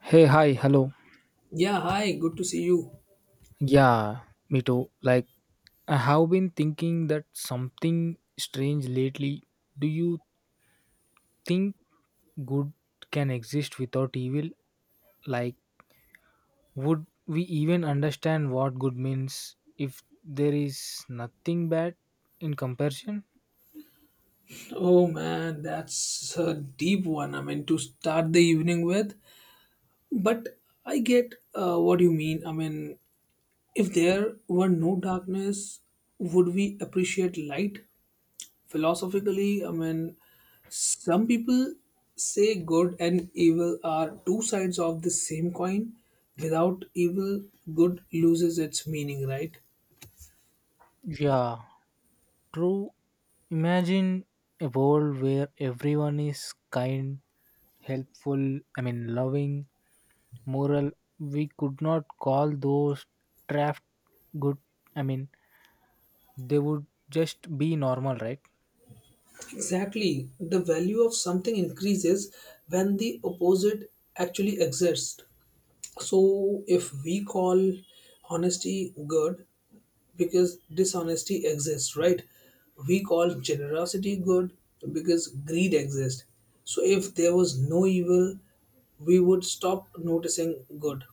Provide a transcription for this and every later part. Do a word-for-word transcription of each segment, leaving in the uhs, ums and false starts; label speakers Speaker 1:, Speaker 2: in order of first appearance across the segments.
Speaker 1: Hey, hi, hello.
Speaker 2: Yeah, hi, good to see you.
Speaker 1: Yeah, me too. Like, I have been thinking that something strange lately. Do you think good can exist without evil? Like, would we even understand what good means if there is nothing bad in comparison?
Speaker 2: Oh man, that's a deep one. I mean, to start the evening with. But I get uh, what you mean. I mean, if there were no darkness, would we appreciate light? Philosophically, I mean, some people say good and evil are two sides of the same coin. Without evil, good loses its meaning, right?
Speaker 1: Yeah, true. Imagine a world where everyone is kind, helpful, I mean, loving, moral. We could not call those trapped good i mean they would just be normal, right?
Speaker 2: Exactly. The value of something increases when the opposite actually exists. So, if we call honesty good because dishonesty exists, right? We call generosity good because greed exists. So, if there was no evil, we would stop noticing good.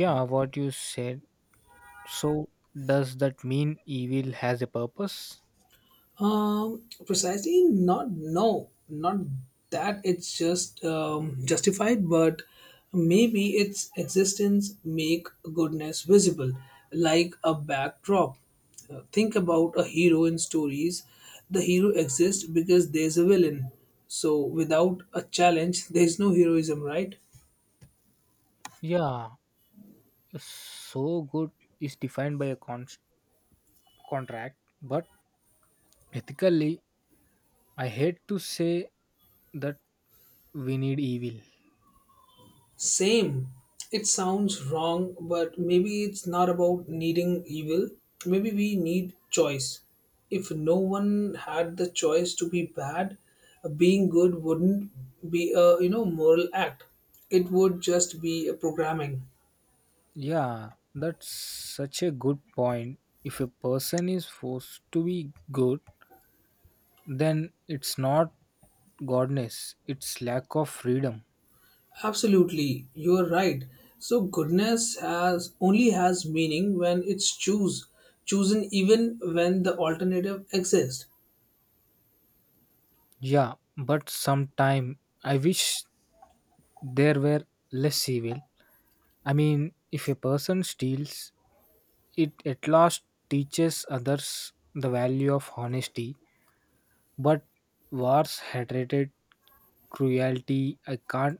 Speaker 1: Yeah, what you said. So does that mean evil has a purpose?
Speaker 2: Um, precisely, not no, not that it's just um, justified, but maybe its existence make goodness visible, like a backdrop. Uh, think about a hero in stories. The hero exists because there's a villain. So without a challenge, there's no heroism, right?
Speaker 1: Yeah, so good is defined by a con- contract, but ethically, I hate to say that we need evil.
Speaker 2: Same. It sounds wrong, but maybe it's not about needing evil. Maybe we need choice. If no one had the choice to be bad, being good wouldn't be a you know moral act. It would just be a programming.
Speaker 1: Yeah, that's such a good point. If a person is forced to be good, then it's not godness, it's lack of freedom.
Speaker 2: Absolutely, you're right. So goodness has only has meaning when it's choose chosen even when the alternative exists.
Speaker 1: Yeah, but sometime I wish there were less evil. I mean, if a person steals, it at last teaches others the value of honesty. But wars, hatred, cruelty, I can't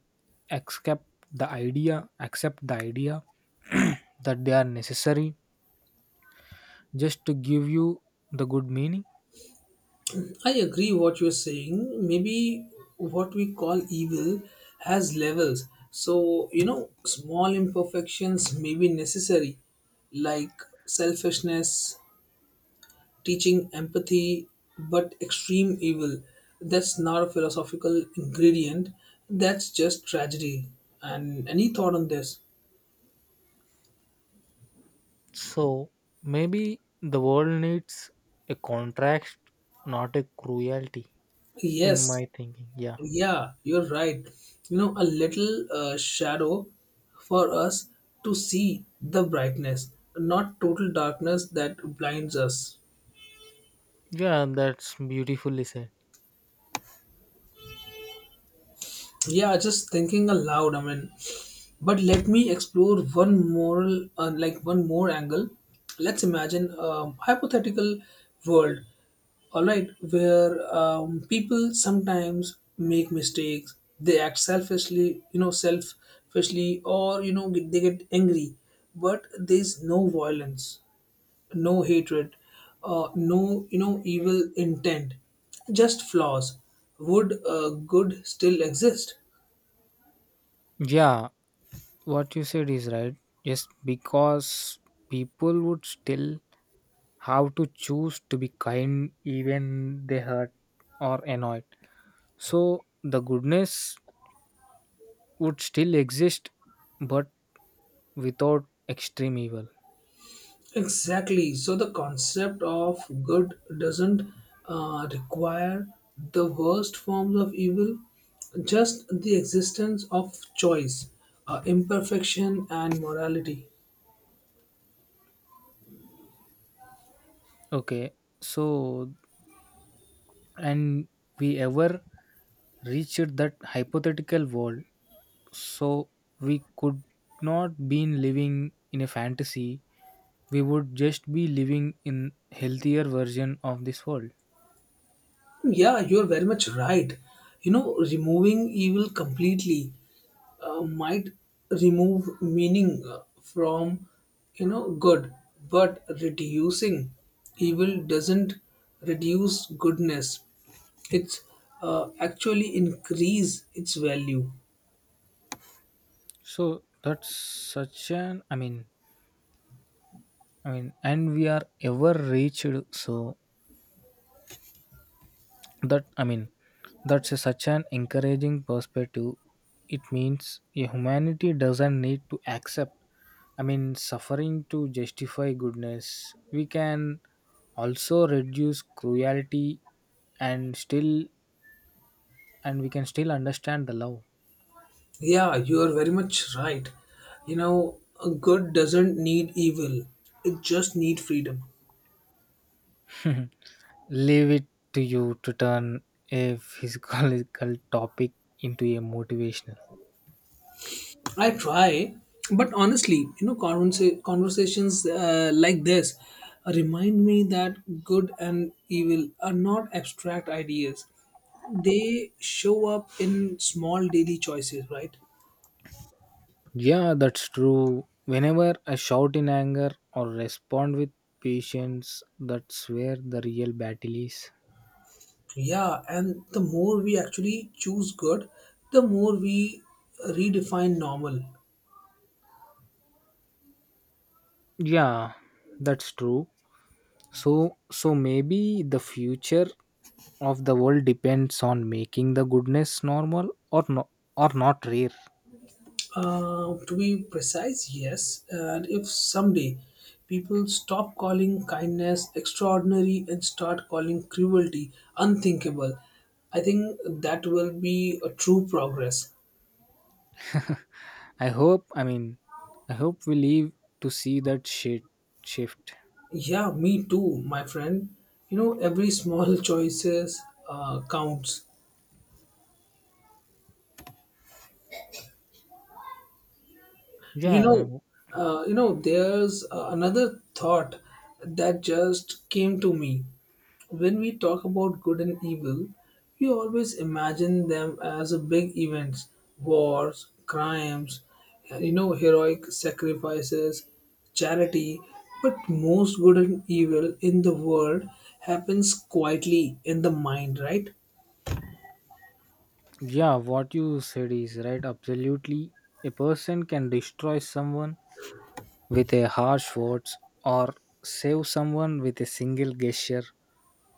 Speaker 1: accept the idea, accept the idea that they are necessary just to give you the good meaning.
Speaker 2: I agree what you're saying. Maybe what we call evil has levels. So, you know, small imperfections may be necessary, like selfishness, teaching empathy, but extreme evil, that's not a philosophical ingredient. That's just tragedy. And any thought on this?
Speaker 1: So maybe the world needs a contrast, not a cruelty. In
Speaker 2: Yes,
Speaker 1: my thinking, yeah.
Speaker 2: yeah, you're right. You know, a little uh, shadow for us to see the brightness, not total darkness that blinds us.
Speaker 1: Yeah, that's beautifully said.
Speaker 2: Yeah, just thinking aloud. I mean, but let me explore one moral, uh, like one more angle. Let's imagine a hypothetical world, all right, where um, people sometimes make mistakes. They act selfishly, you know, selfishly, or you know, get- they get angry. But there's no violence, no hatred, uh, no, you know, evil intent, just flaws. Would uh, good still exist?
Speaker 1: Yeah, what you said is right. Just because people would still have to choose to be kind even they hurt or annoyed. So the goodness would still exist but without extreme evil.
Speaker 2: Exactly. So the concept of good doesn't uh, require the worst forms of evil, just the existence of choice, uh, imperfection, and morality.
Speaker 1: Okay. So and we ever reached that hypothetical world. So we could not been living in a fantasy, we would just be living in healthier version of this world.
Speaker 2: Yeah, you're very much right. You know, removing evil completely uh, might remove meaning uh, from you know good but reducing evil doesn't reduce goodness it's uh, actually increase its value.
Speaker 1: So that's such an i mean i mean and we are ever reached so that i mean that's a, such an encouraging perspective. It means a humanity doesn't need to accept, i mean suffering to justify goodness we can also reduce cruelty and still and we can still understand the love.
Speaker 2: Yeah, you are very much right. You know, a good doesn't need evil, it just need freedom.
Speaker 1: Leave it to you to turn a physiological topic into a motivational.
Speaker 2: I try, but honestly, you know, conversa- conversations uh, like this remind me that good and evil are not abstract ideas. They show up in small daily choices, right?
Speaker 1: Yeah, that's true. Whenever I shout in anger or respond with patience, that's where the real battle is.
Speaker 2: Yeah, and the more we actually choose good, the more we redefine normal.
Speaker 1: Yeah, that's true. So, so maybe the future of the world depends on making the goodness normal or no, or not rare.
Speaker 2: Uh, to be precise, yes. And if someday people stop calling kindness extraordinary and start calling cruelty unthinkable, I think that will be a true progress.
Speaker 1: I hope. I mean, I hope we live to see that shit shift.
Speaker 2: Yeah, me too, my friend. You know, every small choices uh, counts. You
Speaker 1: Yeah.
Speaker 2: know uh, you know there's uh, another thought that just came to me. When we talk about good and evil, we always imagine them as a big events, wars, crimes, uh, you know, heroic sacrifices, charity, but most good and evil in the world happens quietly in the mind, right?
Speaker 1: Yeah, what you said is right. Absolutely. A person can destroy someone with a harsh words or save someone with a single gesture.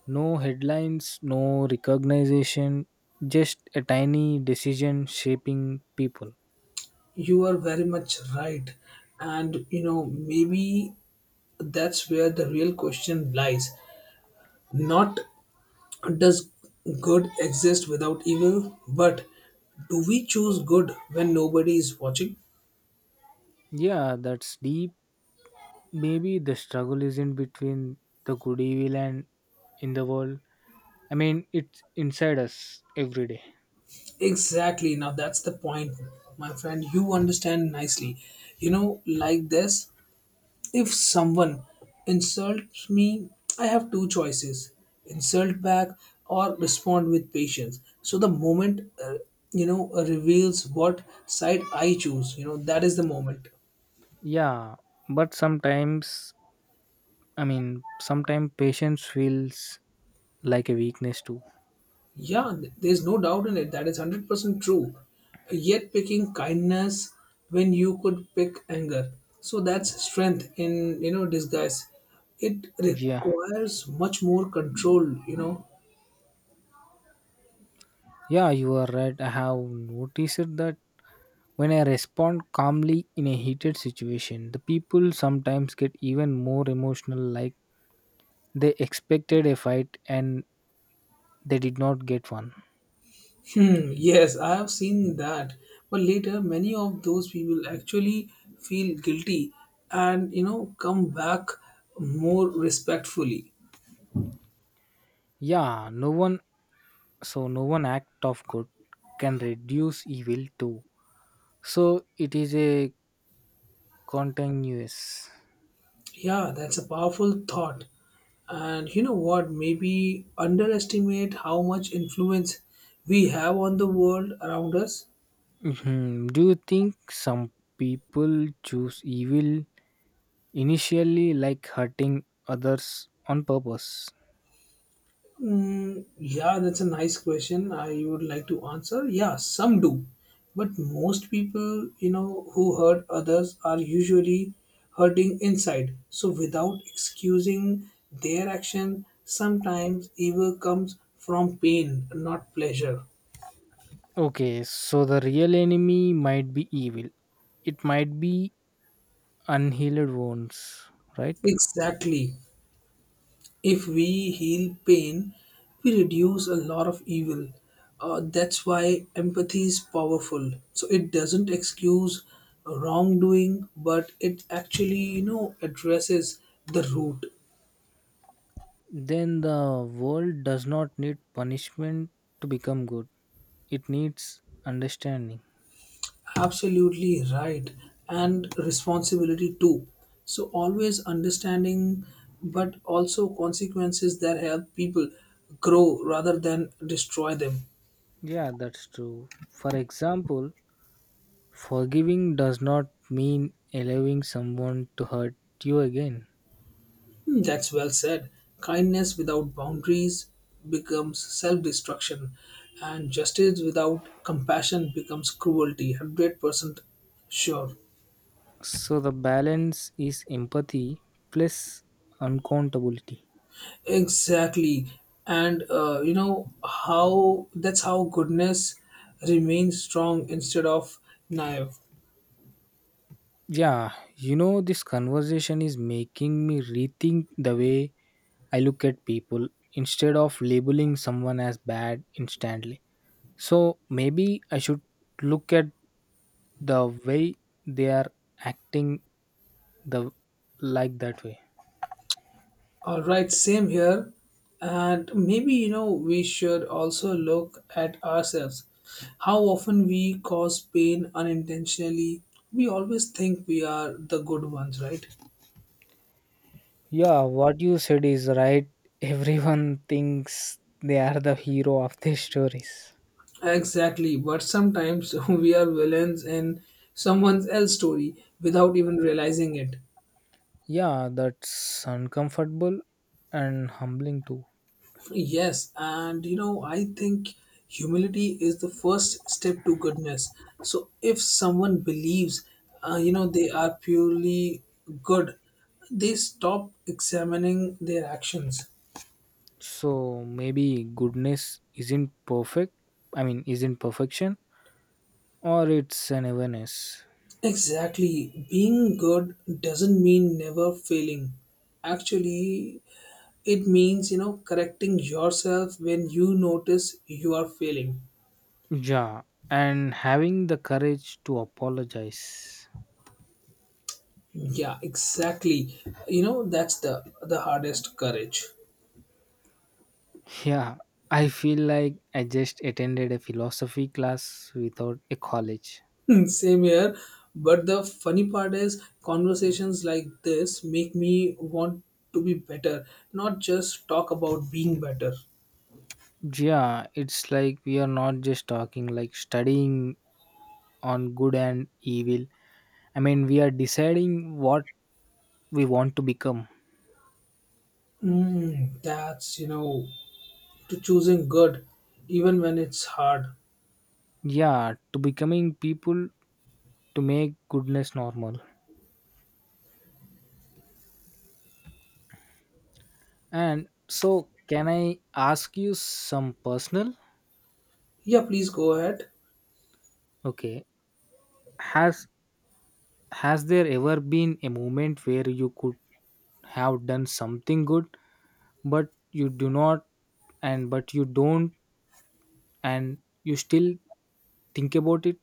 Speaker 1: No headlines, no recognition, just a tiny decision shaping people.
Speaker 2: You are very much right. And you know, maybe that's where the real question lies. Not does good exist without evil, but do we choose good when nobody is watching?
Speaker 1: Yeah, that's deep. Maybe the struggle isn't between the good evil and in the world. I mean, it's inside us every day.
Speaker 2: Exactly. Now that's the point, my friend. You understand nicely. You know, like this. If someone insults me, I have two choices, insult back or respond with patience. So the moment, uh, you know, reveals what side I choose, you know, that is the moment.
Speaker 1: Yeah, but sometimes, I mean, sometimes patience feels like a weakness too.
Speaker 2: Yeah, th- there's no doubt in it. That is one hundred percent true. Yet picking kindness when you could pick anger. So that's strength in, you know, disguise. It
Speaker 1: Yeah,
Speaker 2: requires much more control, you know.
Speaker 1: yeah, you are right. I have noticed that when I respond calmly in a heated situation, the people sometimes get even more emotional, like they expected a fight and they did not get one.
Speaker 2: Hmm, yes, I have seen that. But later, many of those people actually feel guilty and, you know, come back more respectfully.
Speaker 1: Yeah, no one, so no one act of good can reduce evil too. So it is a continuous.
Speaker 2: Yeah, that's a powerful thought. And you know what? Maybe underestimate how much influence we have on the world around us.
Speaker 1: Mhm. Do you think some people choose evil initially like hurting others on purpose?
Speaker 2: Mm, yeah, that's a nice question. I would like to answer. Yeah, some do, but most people, you know, who hurt others are usually hurting inside. So without excusing their action, sometimes evil comes from pain, not pleasure.
Speaker 1: Okay, so the real enemy might be evil. It might be unhealed wounds, right?
Speaker 2: Exactly. If we heal pain, we reduce a lot of evil. Uh, that's why empathy is powerful. So it doesn't excuse wrongdoing, but it actually, you know, addresses the root.
Speaker 1: Then the world does not need punishment to become good. It needs understanding.
Speaker 2: Absolutely right. And responsibility too. So always understanding, but also consequences that help people grow rather than destroy them.
Speaker 1: Yeah, that's true. For example, forgiving does not mean allowing someone to hurt you again.
Speaker 2: Hmm, that's well said. Kindness without boundaries becomes self destruction, and justice without compassion becomes cruelty. one hundred percent sure.
Speaker 1: So the balance is empathy plus uncountability.
Speaker 2: Exactly. And uh, you know how that's how goodness remains strong instead of naive.
Speaker 1: Yeah, you know, this conversation is making me rethink the way I look at people instead of labeling someone as bad instantly. So maybe I should look at the way they are acting the like that way.
Speaker 2: All right, same here. And maybe, you know, we should also look at ourselves. How often we cause pain unintentionally. We always think we are the good ones, right?
Speaker 1: Yeah, what you said is right. Everyone thinks they are the hero of their stories.
Speaker 2: Exactly. But sometimes we are villains in someone else's story without even realizing it.
Speaker 1: Yeah, that's uncomfortable and humbling too.
Speaker 2: Yes, and you know, I think humility is the first step to goodness. So if someone believes, uh, you know, they are purely good, they stop examining their actions.
Speaker 1: So maybe goodness isn't perfect, I mean, isn't perfection, or it's an awareness.
Speaker 2: Exactly. Being good doesn't mean never failing. Actually, it means, you know, correcting yourself when you notice you are failing.
Speaker 1: Yeah, and having the courage to apologize.
Speaker 2: Yeah, exactly. You know, that's the the hardest courage.
Speaker 1: Yeah, I feel like I just attended a philosophy class without a college.
Speaker 2: Hmm, same here. But the funny part is, conversations like this make me want to be better, not just talk about being better.
Speaker 1: Yeah, it's like we are not just talking, like studying on good and evil. I mean, we are deciding what we want to become.
Speaker 2: Mm, that's, you know, to choosing good, even when it's hard.
Speaker 1: Yeah, to becoming people to make goodness normal. And so, can I ask you some personal?
Speaker 2: Yeah, please go ahead.
Speaker 1: Okay, has has there ever been a moment where you could have done something good, but you do not, and but you don't, and you still think about it?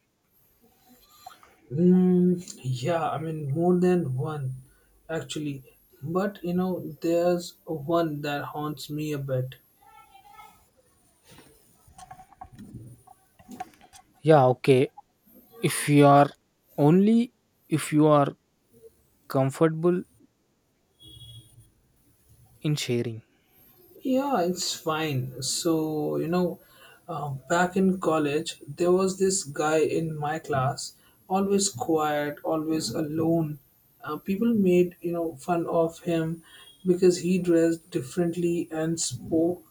Speaker 2: Mm, yeah, I mean, more than one, actually. But, you know, there's one that haunts me a bit.
Speaker 1: Yeah, okay. If you are only if you are comfortable in sharing.
Speaker 2: Yeah, it's fine. So, you know, uh, back in college, there was this guy in my class, always quiet, always alone. Uh, people made, you know, fun of him because he dressed differently and spoke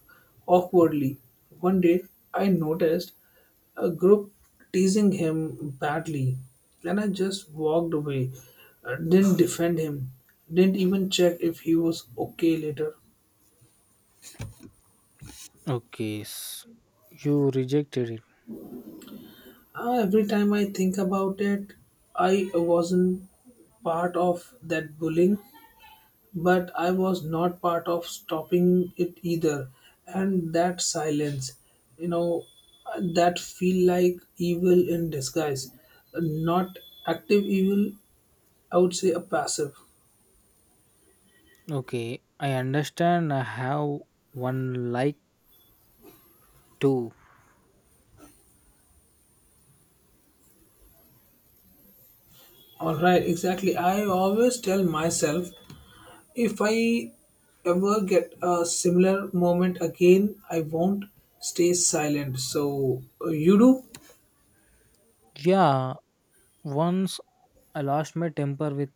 Speaker 2: awkwardly. One day, I noticed a group teasing him badly, and I just walked away. Uh, didn't defend him, didn't even check if he was okay later.
Speaker 1: Okay, s- you rejected it.
Speaker 2: Uh, every time I think about it, I wasn't part of that bullying, but I was not part of stopping it either. And that silence, you know, uh, that feel like evil in disguise. Not active evil, I would say a passive.
Speaker 1: Okay, I understand. I have one like too.
Speaker 2: All right, exactly. I always tell myself, if I ever get a similar moment again, I won't stay silent. So uh, you do?
Speaker 1: Yeah. Once I lost my temper with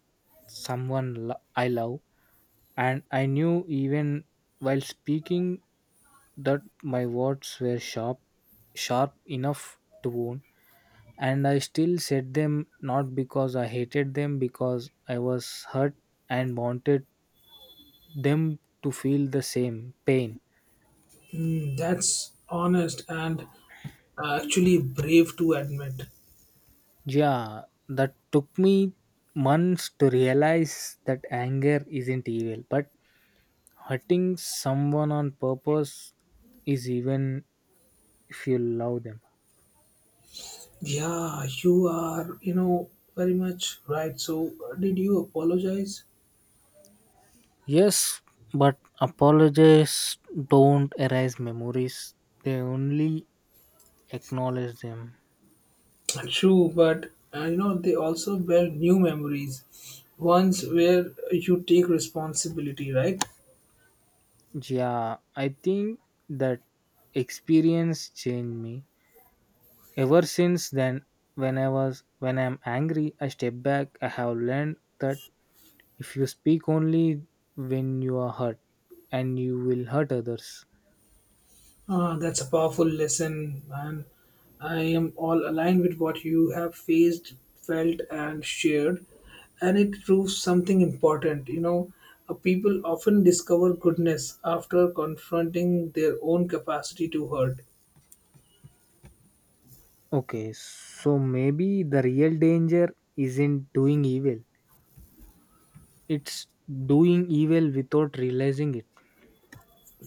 Speaker 1: someone lo- I love, and I knew even while speaking that my words were sharp, sharp enough to wound, and I still said them not because I hated them, because I was hurt and wanted them to feel the same pain.
Speaker 2: Mm, that's honest and actually brave to admit.
Speaker 1: Yeah, that took me months to realize that anger isn't evil, but hurting someone on purpose is, even if you love them.
Speaker 2: Yeah, you are, you know, very much right. So uh, did you apologize?
Speaker 1: Yes, but apologies don't erase memories, they only acknowledge them.
Speaker 2: True, but uh, you know, they also bear new memories, ones where you take responsibility, right?
Speaker 1: Yeah, I think that experience changed me. Ever since then, when I was when I'm angry, I step back. I have learned that if you speak only when you are hurt and you will hurt others.
Speaker 2: Ah, that's a powerful lesson, and I am all aligned with what you have faced, felt, and shared. And it proves something important. You know, uh, people often discover goodness after confronting their own capacity to hurt.
Speaker 1: Okay, so maybe the real danger isn't doing evil, it's doing evil without realizing it.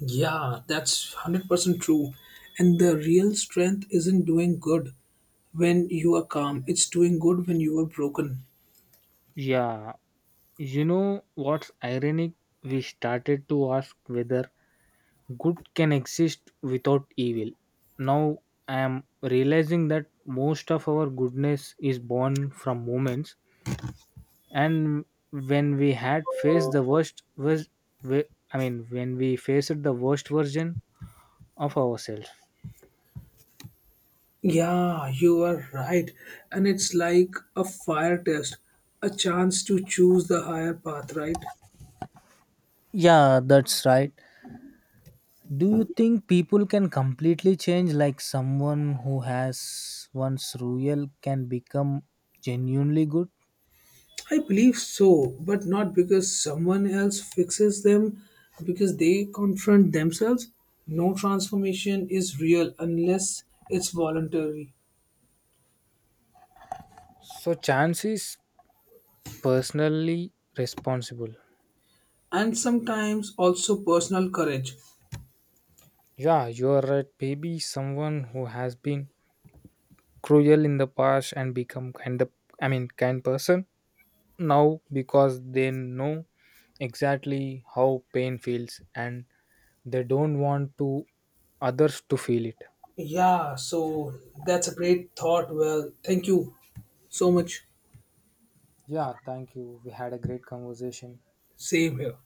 Speaker 2: Yeah, that's one hundred percent true. And the real strength isn't doing good when you are calm, it's doing good when you are broken.
Speaker 1: Yeah, you know what's ironic? We started to ask whether good can exist without evil. Now I am realizing that most of our goodness is born from moments, and when we had faced the worst, was we- I mean, when we faced the worst version of ourselves.
Speaker 2: Yeah, you are right. And it's like a fire test, a chance to choose the higher path, right?
Speaker 1: Yeah, that's right. Do you think people can completely change like someone who has once royal can become genuinely good?
Speaker 2: I believe so, but not because someone else fixes them, because they confront themselves. No transformation is real unless it's voluntary,
Speaker 1: So chance is personally responsible.
Speaker 2: and sometimes also personal courage.
Speaker 1: Yeah, you are right. Maybe someone who has been cruel in the past and become kind of I mean kind person now because they know exactly how pain feels and they don't want to others to feel it.
Speaker 2: Yeah, so that's a great thought. Well, thank you so much.
Speaker 1: Yeah, thank you. We had a great conversation.
Speaker 2: Same here.